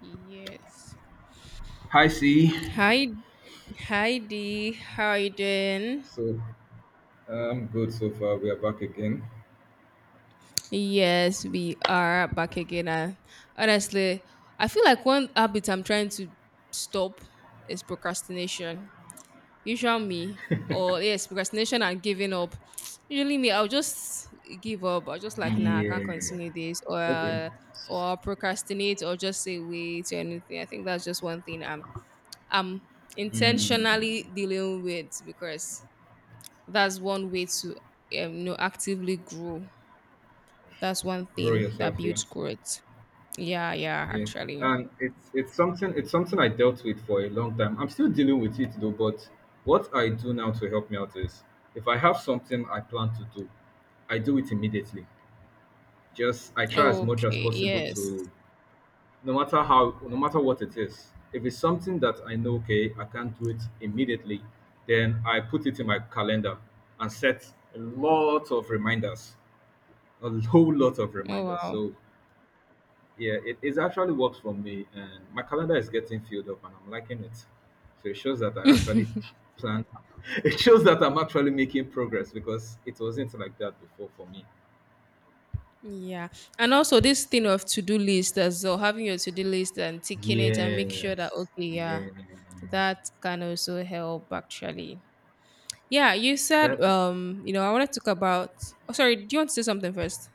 Yes. Hi, C. Hi, D. How are you doing? So I'm good so far. We are back again. Yes, we are back again. And honestly, I feel like one habit I'm trying to stop is procrastination. Usually me, or yes, procrastination and giving up. Usually me, I'll just give up. I'll just like, nah, I can't Yeah. continue this, Okay. or procrastinate, or just say wait or anything. I think that's just one thing I'm Mm. intentionally dealing with because that's one way to you know actively grow. That's one Grow thing yourself that here. builds growth. Yeah, yeah, Yeah, actually. and it's something it's something I dealt with for a long time. I'm still dealing with it though. But what I do now to help me out is if I have something I plan to do, I do it immediately. Just I try as much as Okay, possible yes. to no matter what it is. If it's something that I know, okay, I can't do it immediately, then I put it in my calendar and set a lot of reminders, a whole lot of Oh reminders. wow. So yeah, it actually works for me, and my calendar is getting filled up and I'm liking it, so it shows that I actually plan. It shows that I'm actually making progress, because it wasn't like that before for me. Yeah. And also this thing of to-do list as well, having your to-do list and ticking it and make sure that Yes, okay, yeah, yeah, that can also help actually. Yeah, you said that. You know, I want to talk about oh sorry, do you want to say something first?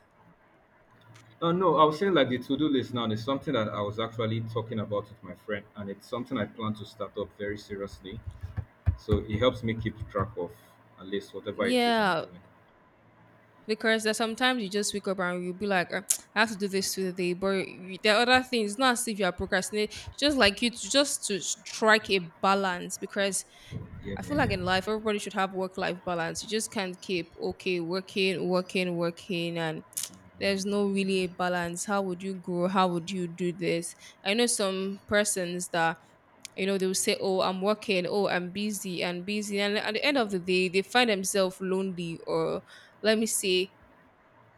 No, I was saying like the to-do list now is something that I was actually talking about with my friend, and it's something I plan to start up very seriously. So it helps me keep track of at least whatever it is I'm Yeah, doing. because there's sometimes you just wake up and you'll be like, I have to do this today, but you- there are other things. It's not as if you are procrastinating. Just like you, to, just to strike a balance, because Yeah, I feel yeah, like in yeah. life everybody should have work-life balance. You just can't keep okay working, working, working, and there's no really a balance. How would you grow? How would you do this? I know some persons that you know, they will say, oh, I'm working, oh, I'm busy and busy. And at the end of the day, they find themselves lonely or let me say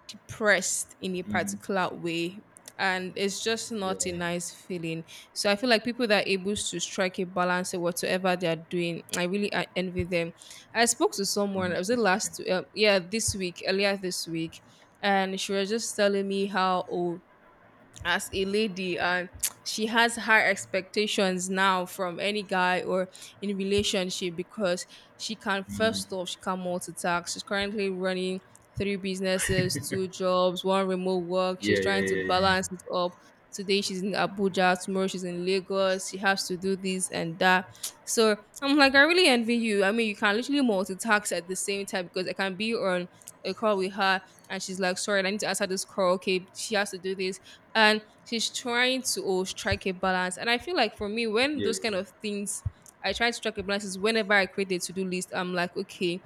depressed in a Hmm. particular way, and it's just Yeah, not a nice feeling. So I feel like people that are able to strike a balance in whatsoever they are doing, I really envy them. I spoke to someone I was honestly it speaking. last yeah, this week, earlier this week, and she was just telling me how oh, as a lady, and she has high expectations now from any guy or in relationship because she can, Hmm. first off, she can multitask. She's currently running three businesses, two jobs, one remote work. Yeah, She's yeah, trying to yeah, yeah, yeah. balance it up. Today she's in Abuja, tomorrow she's in Lagos. She has to do this and that. So I'm like, I really envy you. I mean, you can literally multitask at the same time, because I can be on a call with her, and she's like, sorry, I need to answer this call. Okay, she has to do this. And she's trying to oh, strike a balance. And I feel like for me, when Yeah, those kind yeah. of things, I try to strike a balance is whenever I create a to-do list, I'm like, okay,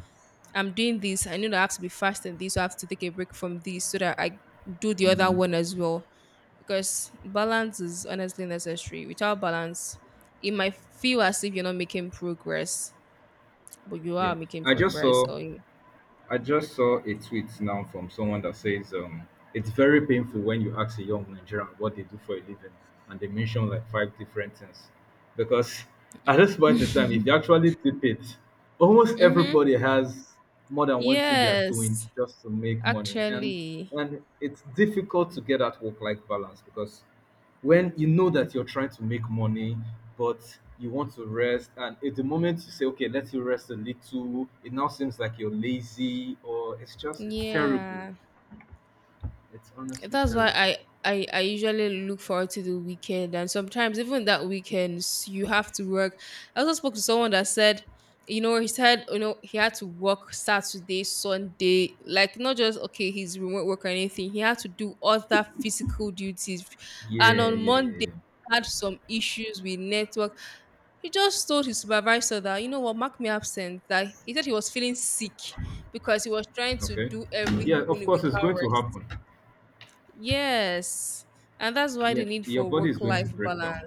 I'm doing this. I know that I have to be fast in this. So I have to take a break from this so that I do the other Hmm. one as well. Because balance is honestly necessary. Without balance, it might feel as if you're not making progress, but you are Yeah. making I just progress. saw. Or, I just saw a tweet now from someone that says, it's very painful when you ask a young Nigerian what they do for a living, and they mention like five different things. Because at this point in time, if you actually tip it, almost mm-hmm. everybody has more than one thing they are doing Yes, just to make money, actually. and it's difficult to get that work-life balance because when you know that you're trying to make money, but you want to rest, and at the moment you say, "Okay, let you rest a little," it now seems like you're lazy, or it's terrible. Yeah, It's honestly that's why terrible. I usually look forward to the weekend, and sometimes even that weekends you have to work. I also spoke to someone that said, you know, he said, you know, he had to work Saturday, Sunday, like not just okay, his remote work or anything. He had to do other physical duties, Yeah, and on yeah, yeah, Monday yeah. had some issues with network. He just told his supervisor that you know what, mark me absent. That he said he was feeling sick because he was trying to Okay. do Yeah, of everything course it's without going to rest. happen. Yes. And that's why the Yeah, need your for body is going to work-life break balance. down.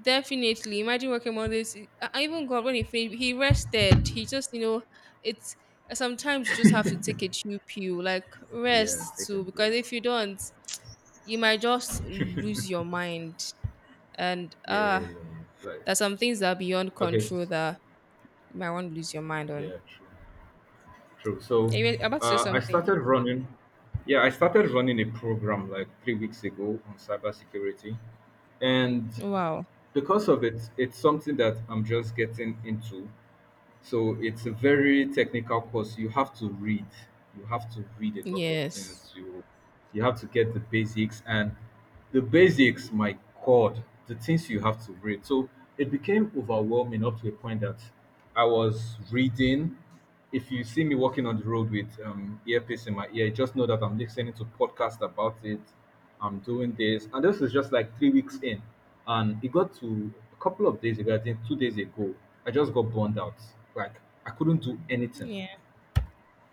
Definitely. Imagine working Mondays. I even God, when he finished, he rested. He just, you know, it's sometimes you just have to take a chill pill, like Yeah, rest take a too, because break. if you don't, you might just lose your mind. And Yeah, yeah, yeah, ah, yeah. Like, there's some things that are beyond okay, control that you might want to lose your mind on. yeah, true. True. Are So you about to say I something? started running. Yeah, I started running a program like 3 weeks ago on cybersecurity, and Wow. because of it, it's something that I'm just getting into. So it's a very technical course. You have to read. You have to read a lot of Yes. things. You have to get the basics and the basics, my God, the things you have to read. So it became overwhelming up to a point that I was reading. If you see me walking on the road with earpiece in my ear, just know that I'm listening to podcasts about it. I'm doing this. And this is just like 3 weeks in. And it got to a couple of days ago, I think 2 days ago, I just got burned out. Like I couldn't do anything. Yeah.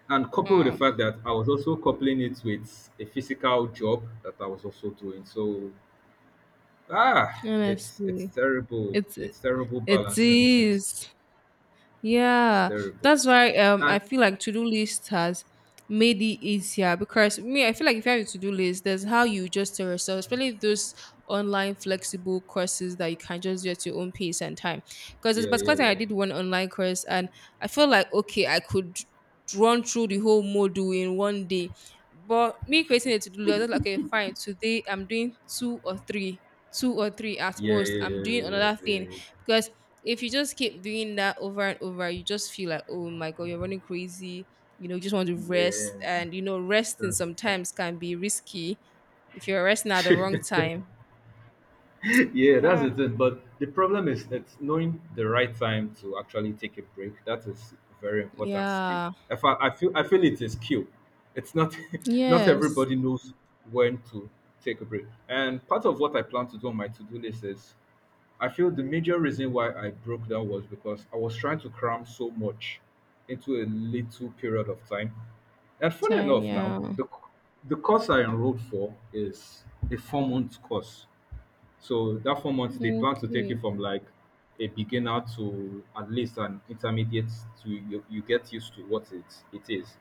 And coupled with the Wow. fact that I was also coupling it with a physical job that I was also doing. So it's Honestly. terrible. It It's terrible it balancing things. is. It's Yeah. terrible. That's why I And feel like to-do list has made it easier because me, I feel like if you have a to-do list, there's how you adjust your yourself, especially those online flexible courses that you can just do at your own pace and time. Because there's a yeah, yeah, particular time I yeah. did one online course, and I felt like okay, I could run through the whole module in 1 day. But me creating a to-do list, I was like, okay, fine, today I'm doing two or three, at Yeah, most yeah, I'm yeah, doing yeah, another yeah, thing. yeah. Because if you just keep doing that over and over, you just feel like oh my god, you're running crazy. You know, you just want to Yeah, rest, and you know resting that's the sometimes can be risky if you're resting at the thing. wrong time. Yeah, that's the Huh. thing. But the problem is that knowing the right time to actually take a break, that is a very important skill. Yeah. If I, I feel it is a skill. It's not not Yes. everybody knows when to take a break. And part of what I plan to do on my to-do list is I feel the major reason why I broke down was because I was trying to cram so much into a little period of time. And funny Time, enough now, yeah. the course I enrolled for is a four-month course. So that 4 months, they plan to take you Okay. from like a beginner to at least an intermediate to you get used to what it is.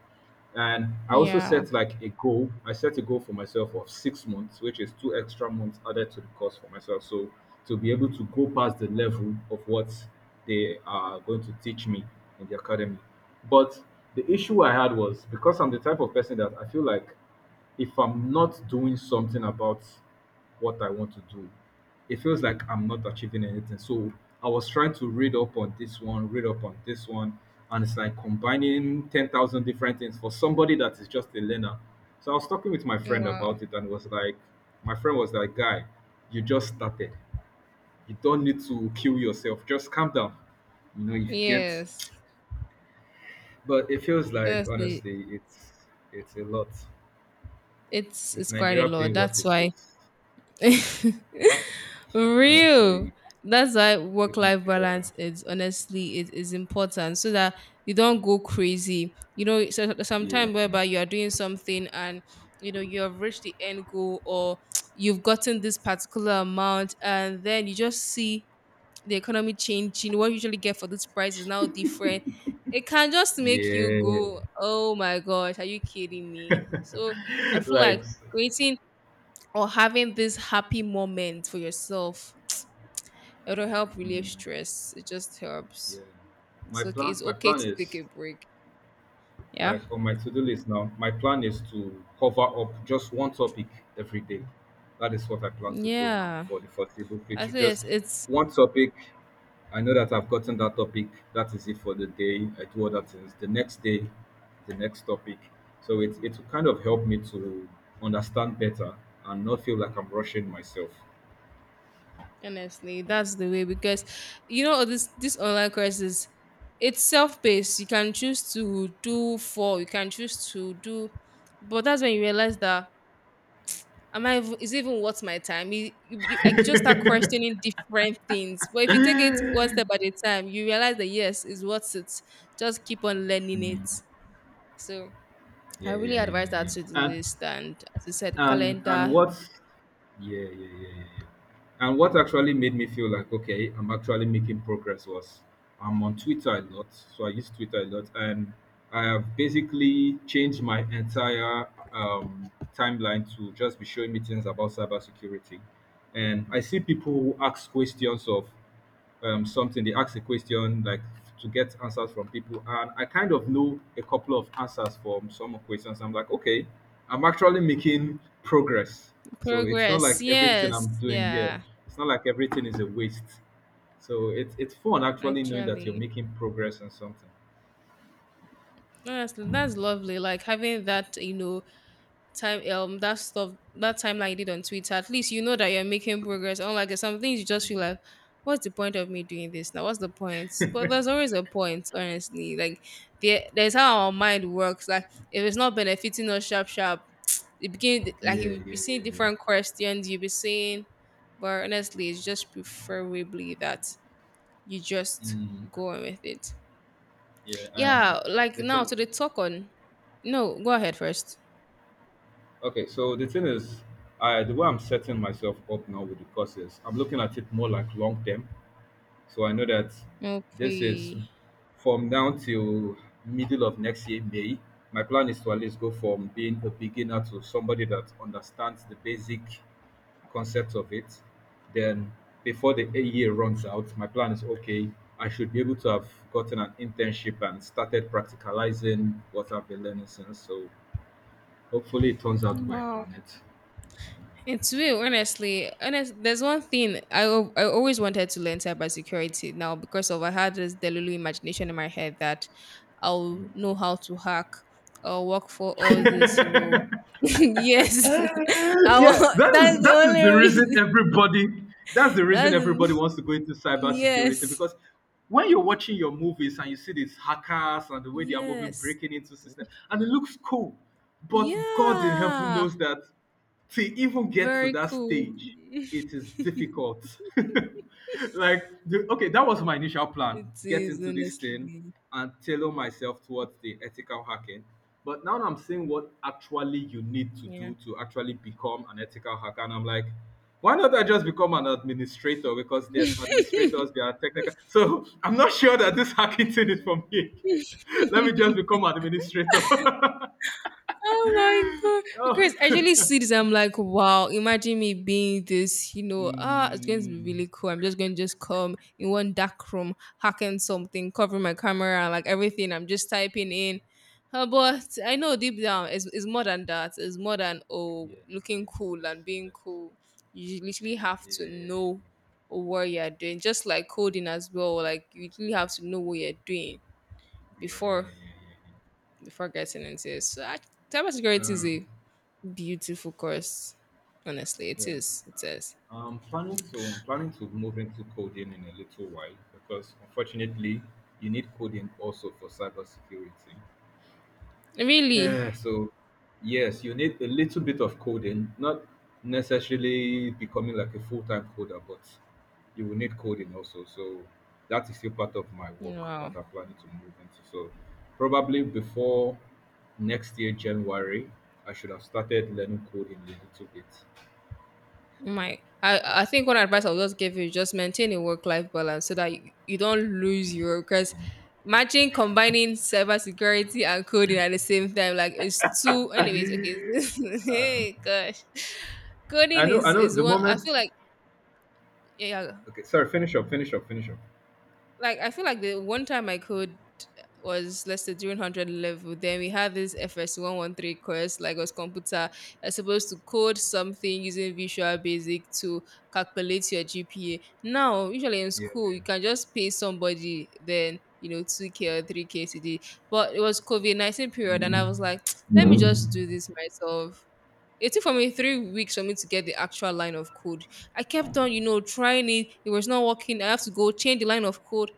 And I also Yeah. set like a goal. I set a goal for myself of 6 months, which is two extra months added to the course for myself. So to be able to go past the level of what they are going to teach me in the academy. But the issue I had was because I'm the type of person that I feel like if I'm not doing something about what I want to do, it feels like I'm not achieving anything. So I was trying to read up on this one, read up on this one, and it's like combining 10,000 different things for somebody that is just a learner. So I was talking with my friend Wow. about it, and was like, my friend was like, guy, you just started. You don't need to kill yourself. Just calm down. You know, if you get, Yes, but it feels like honestly, honestly, it's a lot with it's quite a Nigeria lot, being what that's it why is. real, Honestly, that's why with work life balance Nigeria, is honestly, it is important so that you don't go crazy, you know. So, yeah. sometimes whereby you are doing something, and you know you have reached the end goal or you've gotten this particular amount, and then you just see the economy changing, what you usually get for this price is now different. It can just make you Yeah. go oh my gosh, are you kidding me? So I feel Like, like creating or having this happy moment for yourself, it'll help relieve mm, stress. It just helps. yeah. It's okay. It's My okay plan to take is a break. Yeah. like on my to-do list now, my plan is to cover up just one topic every day. That is what I plan to do now Yeah. for the foreseeable I future, think just it's one topic. I know that I've gotten that topic, that is it for the day. I do other things the next day, the next topic. So it will kind of help me to understand better and not feel like I'm rushing myself. honestly that's the way because you know this online courses, it's self-paced. You can choose to do four, you can choose to do, but that's when you realize that am I even, is it even worth my time? You I just start questioning different things. But if you take it one step at a time, you realize that yes, it's worth it. Just keep on learning it. So I Yeah, yeah, really yeah, advise that yeah, to do yeah. list, and as you said, And calendar what, yeah, yeah, yeah, yeah, yeah. And what actually made me feel like okay, I'm actually making progress was I'm on Twitter a lot, so I use Twitter a lot, and I have basically changed my entire timeline to just be showing me things about cybersecurity. And I see people who ask questions of they ask a question like to get answers from people, and I kind of know a couple of answers from some questions. I'm like, okay, I'm actually making progress. So it's not progress. like everything I'm Yes, doing here, yeah, it's not like everything is a waste. So it's fun actually knowing that you're actually. making progress on something. That's lovely. Like having that, you know, time that stuff, that timeline you did on Twitter, at least you know that you're making progress. Unlike there's some things you just feel like, what's the point of me doing this now? What's the point? But there's always a point, honestly. Like there's how our mind works. Like if it's not benefiting us sharp sharp, it begin like Yeah, you'll be yeah, seeing yeah, yeah. different questions, you'll be seeing but honestly it's just preferably that you just Mm, go on with it. yeah. Yeah, like The now thing. to the talk on no, go ahead first. Okay, so the thing is, I the way I'm setting myself up now with the courses, I'm looking at it more like long term. So I know that this is Okay. from now till middle of next year, May. My plan is to at least go from being a beginner to somebody that understands the basic concept of it. Then, before the a year runs out, my plan is okay, I should be able to have gotten an internship and started practicalizing what I've been learning since. So hopefully, it turns out the way I Wow, planned it. it's real. Honestly, honest. There's one thing I always wanted to learn cybersecurity. Now because of I had this delulu imagination in my head that I'll know how to hack or work for all this. You know, yes, Yeah, that is that's the the only reason reason. everybody, that's the That's reason everybody the- wants to go into cybersecurity, yes, because when you're watching your movies and you see these hackers and the way they are moving, yes, breaking into systems, and it looks cool, but God in heaven yeah. knows that to even get to Very that cool. stage, it is difficult. Like, okay, that was my initial plan: It get is into this thing honestly. and tailor myself towards the ethical hacking. But now I'm seeing what actually you need to Yeah. do to actually become an ethical hacker, and I'm like, why not I just become an administrator? Because there's administrators, there are technical. So I'm not sure that this hacking thing is for me again. Let me just become an administrator. Oh my god! Oh. Because I usually see this, I'm like, wow, imagine me being this, you know, ah, it's going to be Mm, really cool. I'm just going to just come in one dark room, hacking something, covering my camera and like everything. I'm just typing in. But I know deep down, it's more than that. It's more than, oh, yeah, looking yes, cool yes, and being yes. cool. You literally have to Yeah, know what you're doing. Just like coding as well. Like, you literally have to know what you're doing yeah, yeah, before yeah, yeah, before getting into it. So, I, yeah. cybersecurity is a beautiful course. Honestly, it Yeah. is. It is. I'm planning to move into coding in a little while, because unfortunately you need coding also for cybersecurity. Really? Eh, so yes, you need a little bit of coding, not necessarily becoming like a full-time coder, but you will need coding also. So that is still part of my work Wow. that I'm planning to move into. So probably before next year, January, I should have started learning coding a little bit. My I think one advice I'll just give you is just maintain a work life balance so that you don't lose Yeah. your because imagine combining cyber security and coding at the same time. Like it's too anyways, okay. Hey gosh. Coding I know is the one I moment. feel like, yeah, Okay, sorry, finish up, finish up, finish up. like I feel like the one time I code was let's say during 100 level, then we had this FS113 course, like was computer, you're supposed to code something using visual basic to calculate your GPA. Now usually in Yeah, school you can just pay somebody then you know 2K or 3K today, but it was covid-19 period, and I was like, let me just do this myself. It took for me 3 weeks for me to get the actual line of code. I kept on, you know, trying it. It was not working. I have to go change the line of code.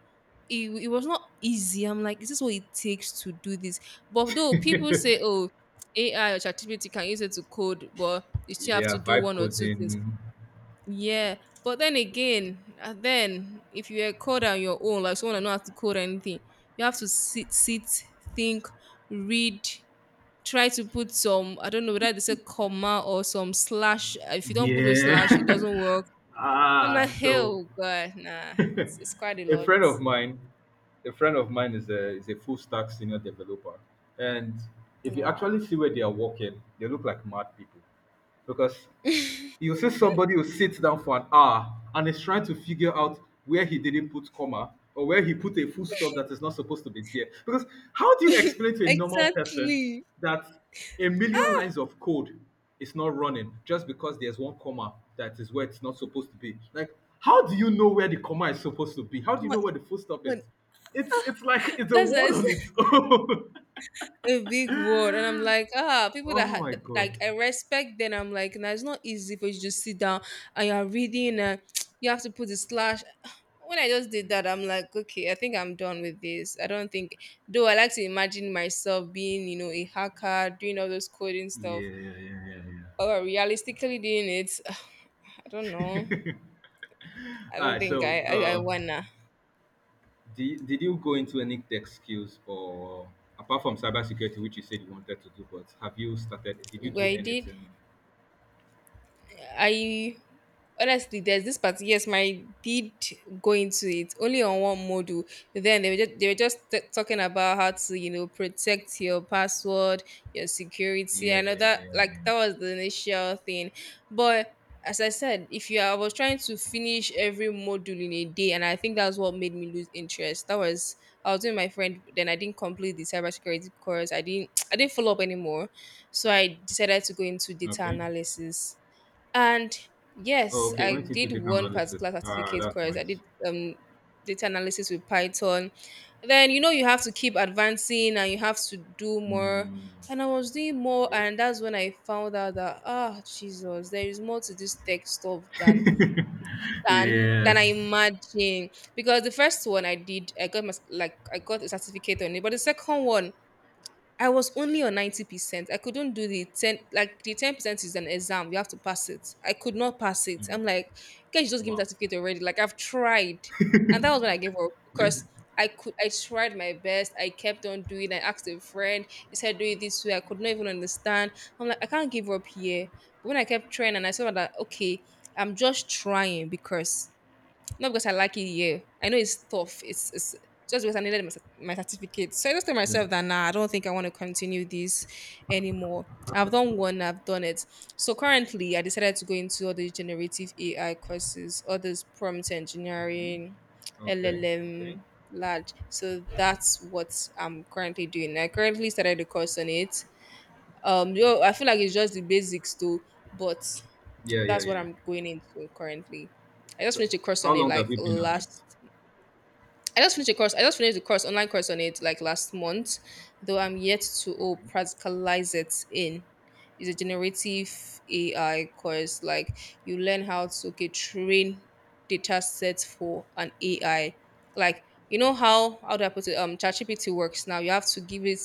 It was not easy. I'm like, is this what it takes to do this? But though people say, oh, AI or ChatGPT can use it to code, but you still have to yeah, do vibe one or two things. coding. Yeah, but then again, then if you're a coder on your own, like someone that know how to code anything, you have to sit, think, read, try to put some, I don't know whether they say comma or some slash. If you don't put those Yeah. slash, it doesn't work. I'm like, Ah, so hell, God, nah, it's quite a a lot. friend of mine a friend of mine is a full stack senior developer, and if you Wow. actually see where they are working, they look like mad people, because you see somebody who sits down for an hour and is trying to figure out where he didn't put comma or where he put a full stop that is not supposed to be there. Because how do you explain to a normal person Exactly. that a million lines of code is not running just because there's one comma that is where it's not supposed to be? Like, how do you know where the comma is supposed to be? How do you know What? where the full stop is? What? It's like it's a That's word that. on its own. A big word, and I'm like, ah, people that Oh my had, god. like, I respect them. I'm like, nah, it's not easy for you to just sit down and you're reading and you have to put a slash. when I just did that, I'm like, okay, I think I'm done with this. I don't think, though I like to imagine myself being, you know, a hacker doing all those coding Yeah, stuff, yeah, yeah, yeah, but yeah. well, realistically doing it, I don't know. I All don't right. think I wanna. Did you go into any tech skills or apart from cybersecurity, which you said you wanted to do, but have you started? Did you Well, do I did, anything? I honestly, there's this part, yes, my did go into it, only on one module. Then they were just, talking about how to, you know, protect your password, your security. I know that, Yeah. like, that was the initial thing, but as I said, if you are, I was trying to finish every module in a day, and I think that's what made me lose interest. That was, I was doing my friend. Then I didn't complete the cybersecurity course. I didn't, I didn't follow up anymore. So I decided to go into data Okay. analysis, and yes, Oh, okay. I Went into did data one analysis. particular Ah, certificate that's course. I did nice. Data analysis with Python. Then, you know, you have to keep advancing and you have to do more. Mm, And I was doing more, yeah. and that's when I found out that, ah, Jesus, there is more to this tech stuff than than I Yes. imagined. Because the first one I did, I got my, like I got a certificate on it, but the second one I was only on 90%. I couldn't do the 10, like the 10% is an exam. You have to pass it. I could not pass it. Mm, I'm like, can you just give me wow. that certificate already? Like, I've tried. And that was when I gave up because I tried my best. I kept on doing. I asked a friend. He said, do it this way. I could not even understand. I'm like, I can't give up here. But when I kept trying and I saw that, okay, I'm just trying because not because I like it here. I know it's tough. It's just because I needed my, my certificate. So I just told Yeah. myself that, nah, I don't think I want to continue this anymore. I've done one, I've done it. So currently, I decided to go into all the generative AI courses, all this prompt Okay. engineering, Okay. Okay. LLM, large. So that's what I'm currently doing. I currently started the course on it. Yo, I feel like it's just the basics though, but Yeah. Yeah. that's what Yeah. Yeah. I'm going into currently. I just So, finished a course how on it long have like you been on it? last I just finished a course. I just finished the course, online course on it, like last month, though I'm yet to, oh, Okay. practicalize it in. It's a generative AI course. Like, you learn how to, okay, train data sets for an AI. Like, you know, how do I put it? ChatGPT works now. You have to give it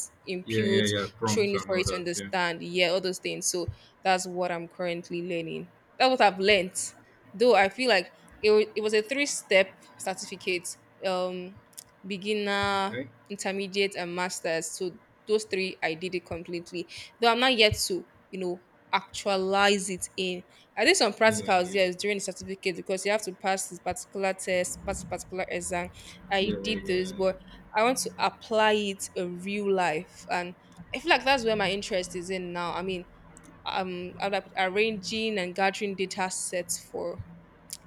Yeah, yeah, input, yeah. train Prompts it and for all it to that. Yeah. understand. Yeah, all those things. So that's what I'm currently learning. That's what I've learnt. Though I feel like it, it was a three step certificate, um, beginner, Okay. intermediate, and master's. So those three, I did it completely. Though I'm not yet to, you know, actualize it in. I did some Yeah, yeah, practicals, yeah. yes, during the certificate because you have to pass this particular test, pass this particular exam. Yeah, I yeah, yeah, did those, yeah, but I want to apply it in real life. And I feel like that's where my interest is in now. I mean, I'm like arranging and gathering data sets for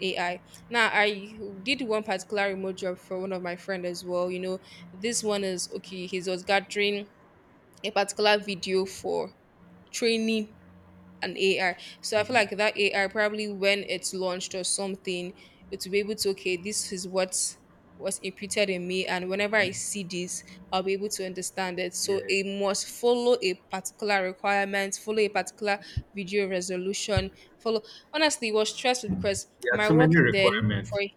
AI. Now, I did one particular remote job for one of my friend as well. You know, this one is okay. He was gathering a particular video for training an AI. So I yeah. feel Mhm. like that AI probably when it's launched or something, it will be able to, okay, this is what was imputed in me, and whenever I Okay. see this, I'll be able to understand it. So Yeah. it must follow a particular requirement, follow a particular video resolution, follow. Honestly, it was stressful because There are my too work many then for requirements. a,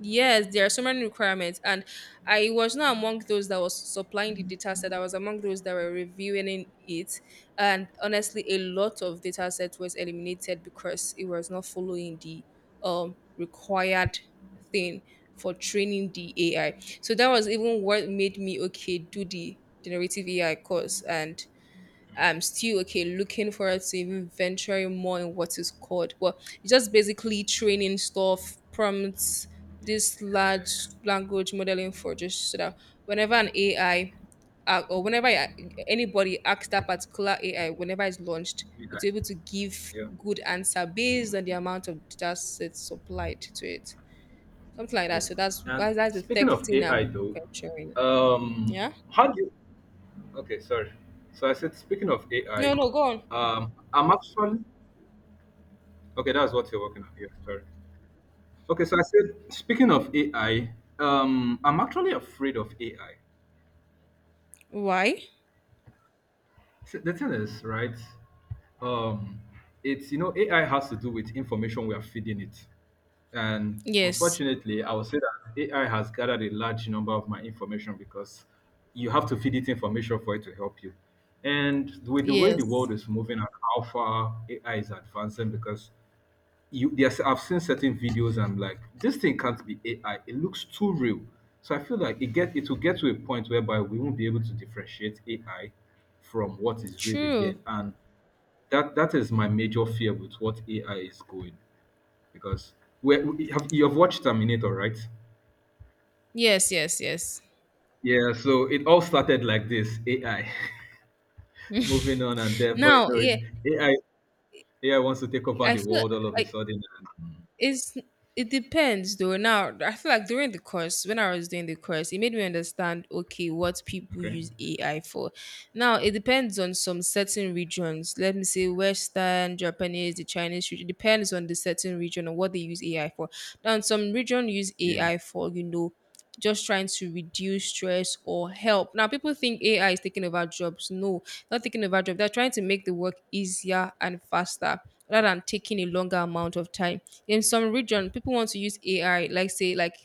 yes, there are so many requirements, and I was not among those that was supplying the data set. I was among those that were reviewing in it, and honestly, a lot of data set was eliminated because it was not following the required thing for training the AI. So that was even what made me, okay, do the generative AI course, and I'm still, okay, looking forward to even venturing more in what is called, well, it's just basically training stuff, prompts, Yeah. this large language modeling for just so that whenever an AI, or whenever anybody asks that particular AI, whenever it's launched, Yeah. it's able to give Yeah. good answer based on the amount of data sets supplied to it, something like that. Yeah. So that's And that's the tech speaking of thing AI I'm though, venturing. um Yeah. how do you okay, sorry. So I said speaking of No, AI, no, go on. I'm actually okay, that's what you're working on here, sorry. Okay, so I said speaking of AI, I'm actually afraid of AI. Why? So the thing is, right? Um, it's AI has to do with information we are feeding it, and Yes. unfortunately, I would say that AI has gathered a large number of my information because you have to feed it information for it to help you. And with the way the Yes. world is moving and how far AI is advancing, because you there's I've seen certain videos. I'm like, this thing can't be AI. It looks too real. So I feel like it will get to a point whereby we won't be able to differentiate AI from what is real True. again. And that that is my major fear with what AI is going because where you have watched Terminator, right? Yes, yes, yes. Yeah, so it all started like this. AI moving on, and therefore, you Now, know, yeah, it AI AI wants to take over I the feel world all of a like sudden. And, it's it depends though. Now, I feel like during the course, when I was doing the course, it made me understand, okay, what people okay, use AI for. Now, it depends on some certain regions. Let me say Western, Japanese, the Chinese region. It depends on the certain region and what they use AI for. Now, some region use yeah, AI for, you know, just trying to reduce stress or help. Now, people think AI is taking over jobs. No, not taking over jobs. They're trying to make the work easier and faster rather than taking a longer amount of time. In some region, people want to use AI, like say,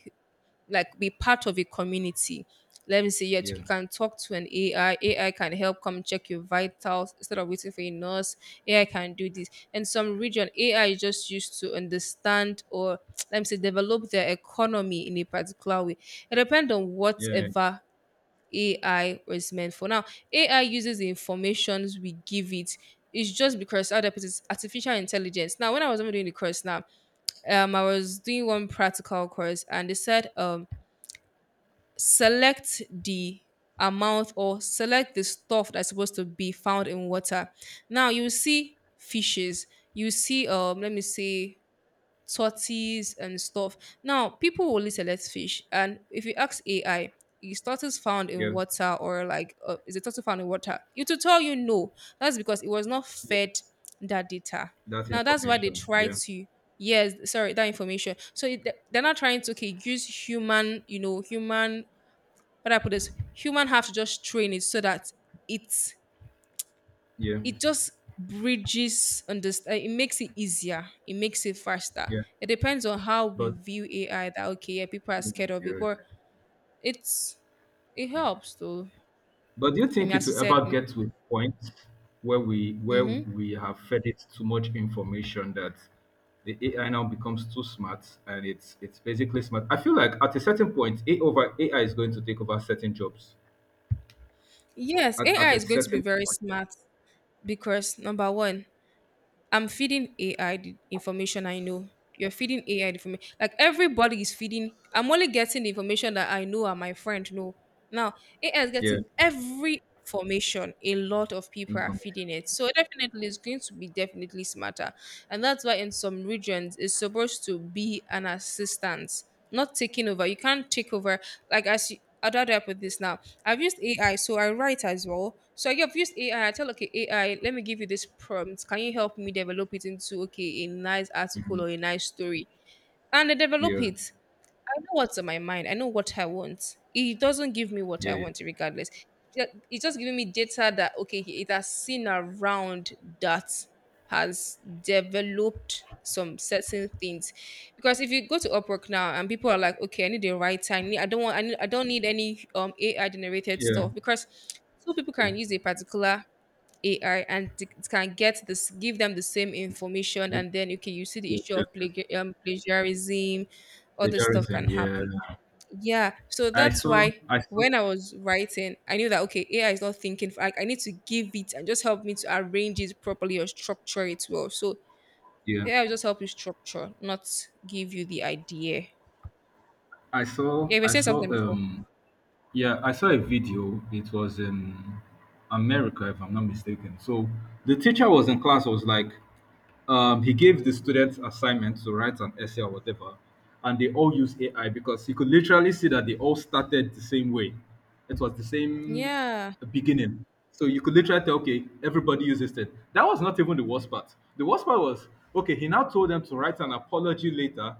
like be part of a community. Let me say, yet yeah, you can talk to an AI. AI can help come check your vitals instead of waiting for a nurse. AI can do this. And some region, AI is just used to understand, or let me say develop their economy in a particular way. It depends on yeah, whatever AI was meant for. Now, AI uses the informations we give it. It's just because other it's artificial intelligence. Now, when I was even doing the course, now, I was doing one practical course, and they said, select the amount or select the stuff that's supposed to be found in water. Now you see fishes, you see, let me say tortoise and stuff. Now people will only select fish, and if you ask AI, is tortoise found in yeah, water? Or like, is a tortoise found in water? It will tell you no. That's because it was not yeah. fed that data. That Now that's why they information. try Yeah, to, yes, sorry, that information. So it, they're not trying to, okay, use human, you know, human, what I put is human have to just train it so that it's, yeah, it just bridges, understand, it makes it easier, it makes it faster. yeah. It depends on how we But view AI, that, okay, yeah, people are yeah, scared of it, yeah, but it's it okay. helps though. But do you I mean, think it as you will said, ever get to a point where mm-hmm. we have fed it too much information that the AI now becomes too smart and it's basically smart? I feel like at a certain point, A over AI is going to take over certain jobs. Yes, At AI a is going to be certain very point, smart because number 1, I'm feeding AI the information I know. You're feeding AI the information. Like, everybody is feeding. I'm only getting the information that I know and my friend know. Now AI is getting yeah, every information. A lot of people are information, feeding it. So definitely, it's going to be definitely smarter. And that's why in some regions it's supposed to be an assistance, not taking over. You can't take over like, as you, I'd rather with this now. I've used AI, so I write as well. So I've used AI. I tell, okay, AI, let me give you this prompt. Can you help me develop it into, okay, a nice article or a nice story? And they develop yeah, it. I know what's on my mind. I know what I want. It doesn't give me what I yeah, want, regardless. Yeah, it's just giving me data that, okay, it has seen around that has developed some certain things. Because if you go to Upwork now and people are like, okay, I need a writer. I don't want. I don't need any AI generated yeah, yeah. stuff because two people can use a particular AI and can get this, give them the same information, The, and then, okay, you see the yes, issue yes, of yes. Plagiarism, other stuff can Plagiarism, yeah. happen. Yeah, so that's why I saw, when I was writing, I knew that, okay, AI is not thinking. I need to give it and just help me to arrange it properly or structure it well. So yeah. AI will just help you structure, not give you the idea. I saw Yeah, we I said something saw before. Yeah, I saw a video. It was in America, if I'm not mistaken. So the teacher was in class, was like, he gave the students assignment to write an essay or whatever, and they all use AI because you could literally see that they all started the same way. It was the same Yeah, beginning. So you could literally tell, okay, everybody uses it. That was not even the worst part. The worst part was, okay, he now told them to write an apology later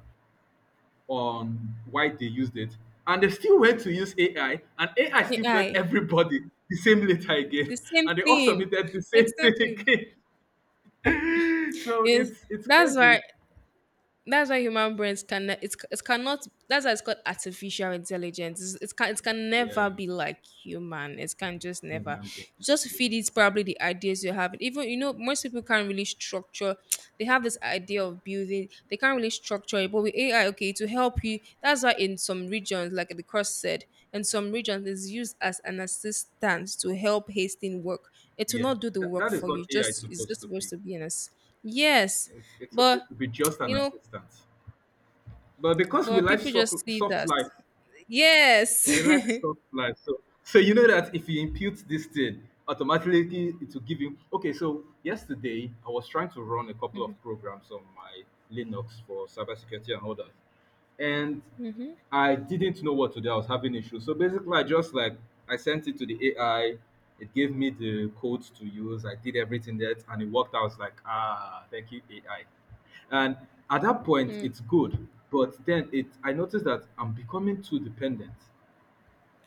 on why they used it. And they still went to use AI, and AI still fed AI, everybody the same letter again, the same and they all thing, submitted the same exactly. thing again. So Is it's That's crazy. why, human brains can, it's, it cannot, that's why it's called artificial intelligence. It can, it can never Yeah, be like human. It can just never, human beings, just feed humans, it again. probably the ideas you have. Even, you know, most people can't really structure, they have this idea of building, they can't really structure it, but with AI, okay, to help you, that's why in some regions, like the cross said, in some regions it's used as an assistant to help hasten work. It will Yeah, not do the that, work that is for you. what AI is Just It's supposed just to supposed be. to be an ass, yes, It's but supposed to be just you an know, assistant. But because we but live people soft, just see it soft as, life, yes. we like soft life. So you know that if you impute this thing, automatically it will give you. Okay, so yesterday I was trying to run a couple Mhm, of programs on my Linux for cybersecurity and all that, and mhm, I didn't know what to do. I was having issues. So basically, I just like I sent it to the AI. It gave me the codes to use. I did everything that, and it worked. I was like, ah, thank you, AI. And at that point, mm, it's good. But then I noticed that I'm becoming too dependent.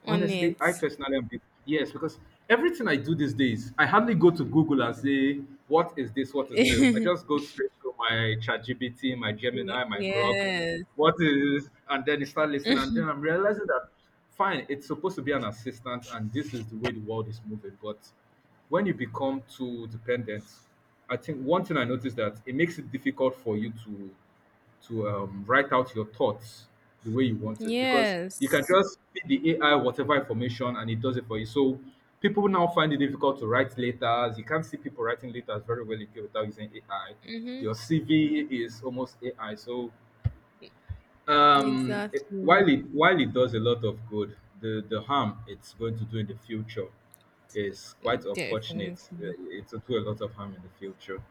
on Honestly, I it. personally am. Yes, because everything I do these days, I hardly go to Google and say, "What is this? What is this?" I just go straight to my ChatGPT, my Gemini, my Grok. Yes, What is? And then you start listening, and then I'm realizing that fine, it's supposed to be an assistant, and this is the way the world is moving. But when you become too dependent, I think one thing I noticed that it makes it difficult for you to write out your thoughts the way you want it, because you can yes, just feed the AI whatever information and it does it for you. So people now find it difficult to write letters. You can't see people writing letters very well again without using AI. hmm, Your CV is almost AI. So while exactly, it does a lot of good, the harm it's going to do in the future is quite definitely. unfortunate. It will do a lot of harm in the future.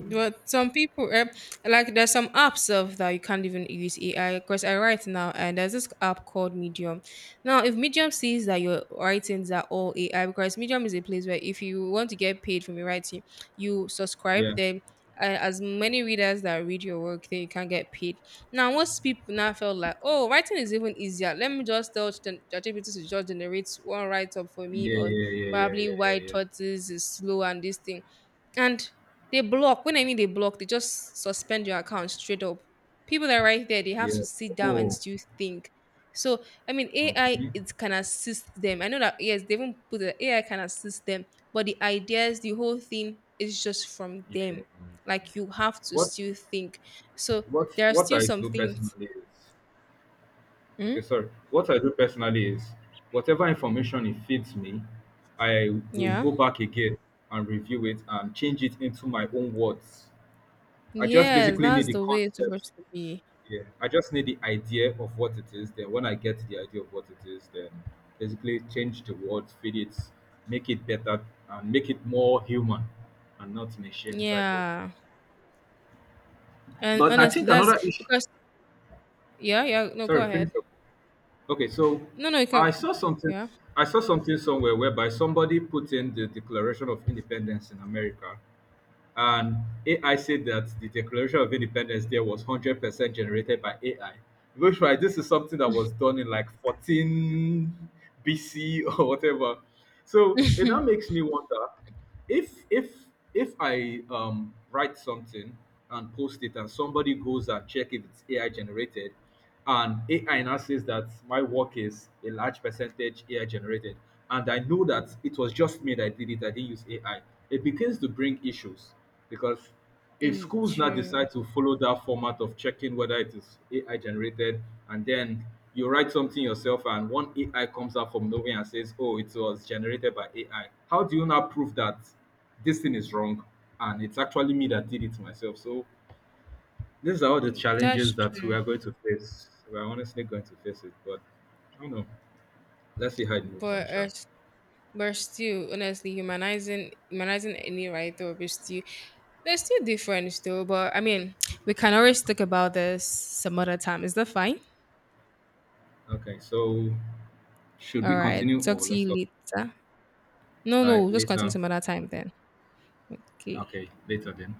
But some people, eh, like, there's some apps of that you can't even use AI. Because I write now, and there's this app called Medium. Now, if Medium sees that your writings are all AI, because Medium is a place where if you want to get paid from your writing, you subscribe. Yeah, Then, as many readers that read your work, then you can get paid. Now, once people now felt like, oh, writing is even easier. Let me just tell ChatGPT to just generate one write up for me yeah, on yeah, yeah, yeah, probably yeah, yeah, why yeah. tortoise is slow and this thing, and they block. When I mean they block, they just suspend your account straight up. People that are right there, they have Yeah. to sit down and Oh. still think. So I mean, AI, Okay. it can assist them. I know that, yes, they even put the AI can assist them, but the ideas, the whole thing is just from Yeah. them. Like, you have to What still think. So what there are what still I some do things. personally is Hmm. okay, sorry. What I do personally is whatever information it feeds me, I will Yeah. go back again and review it and change it into my own words. I just Yes, basically need that's the the way it's concept. supposed to be. Yeah. I just need the idea of what it is. Then when I get the idea of what it is, then basically change the words, feed it, make it better and make it more human and not machine type of. Yeah. And But I honestly, think that's another issue, because yeah, yeah. No, go sorry, ahead. finish up. Okay, so No, no, you can. I saw something. Yeah. I saw something somewhere whereby somebody put in the Declaration of Independence in America, and AI said that the Declaration of Independence there was 100% generated by AI. Which right, this is something that was done in like 14 BC or whatever. So it now makes me wonder if if I write something and post it, and somebody goes and check if it's AI generated, and AI now says that my work is a large percentage AI generated. And I know that it was just me that did it, I didn't use AI. It begins to bring issues because if Mm, schools now true. decide to follow that format of checking whether it is AI generated, and then you write something yourself and one AI comes out from nowhere and says, oh, it was generated by AI, how do you now prove that this thing is wrong and it's actually me that did it myself? So these are all the That's challenges that we true. are going to face. We are honestly going to face it, but I don't know. Let's see how it moves on, But uh, sure. but still, honestly, humanizing any right writer is still, they're still different still. But I mean, we can always talk about this some other time. Is that fine? Okay, so should All we right. continue Talk or to let's you look later. No, no, just continue later? some other time then. Okay. Okay, later then.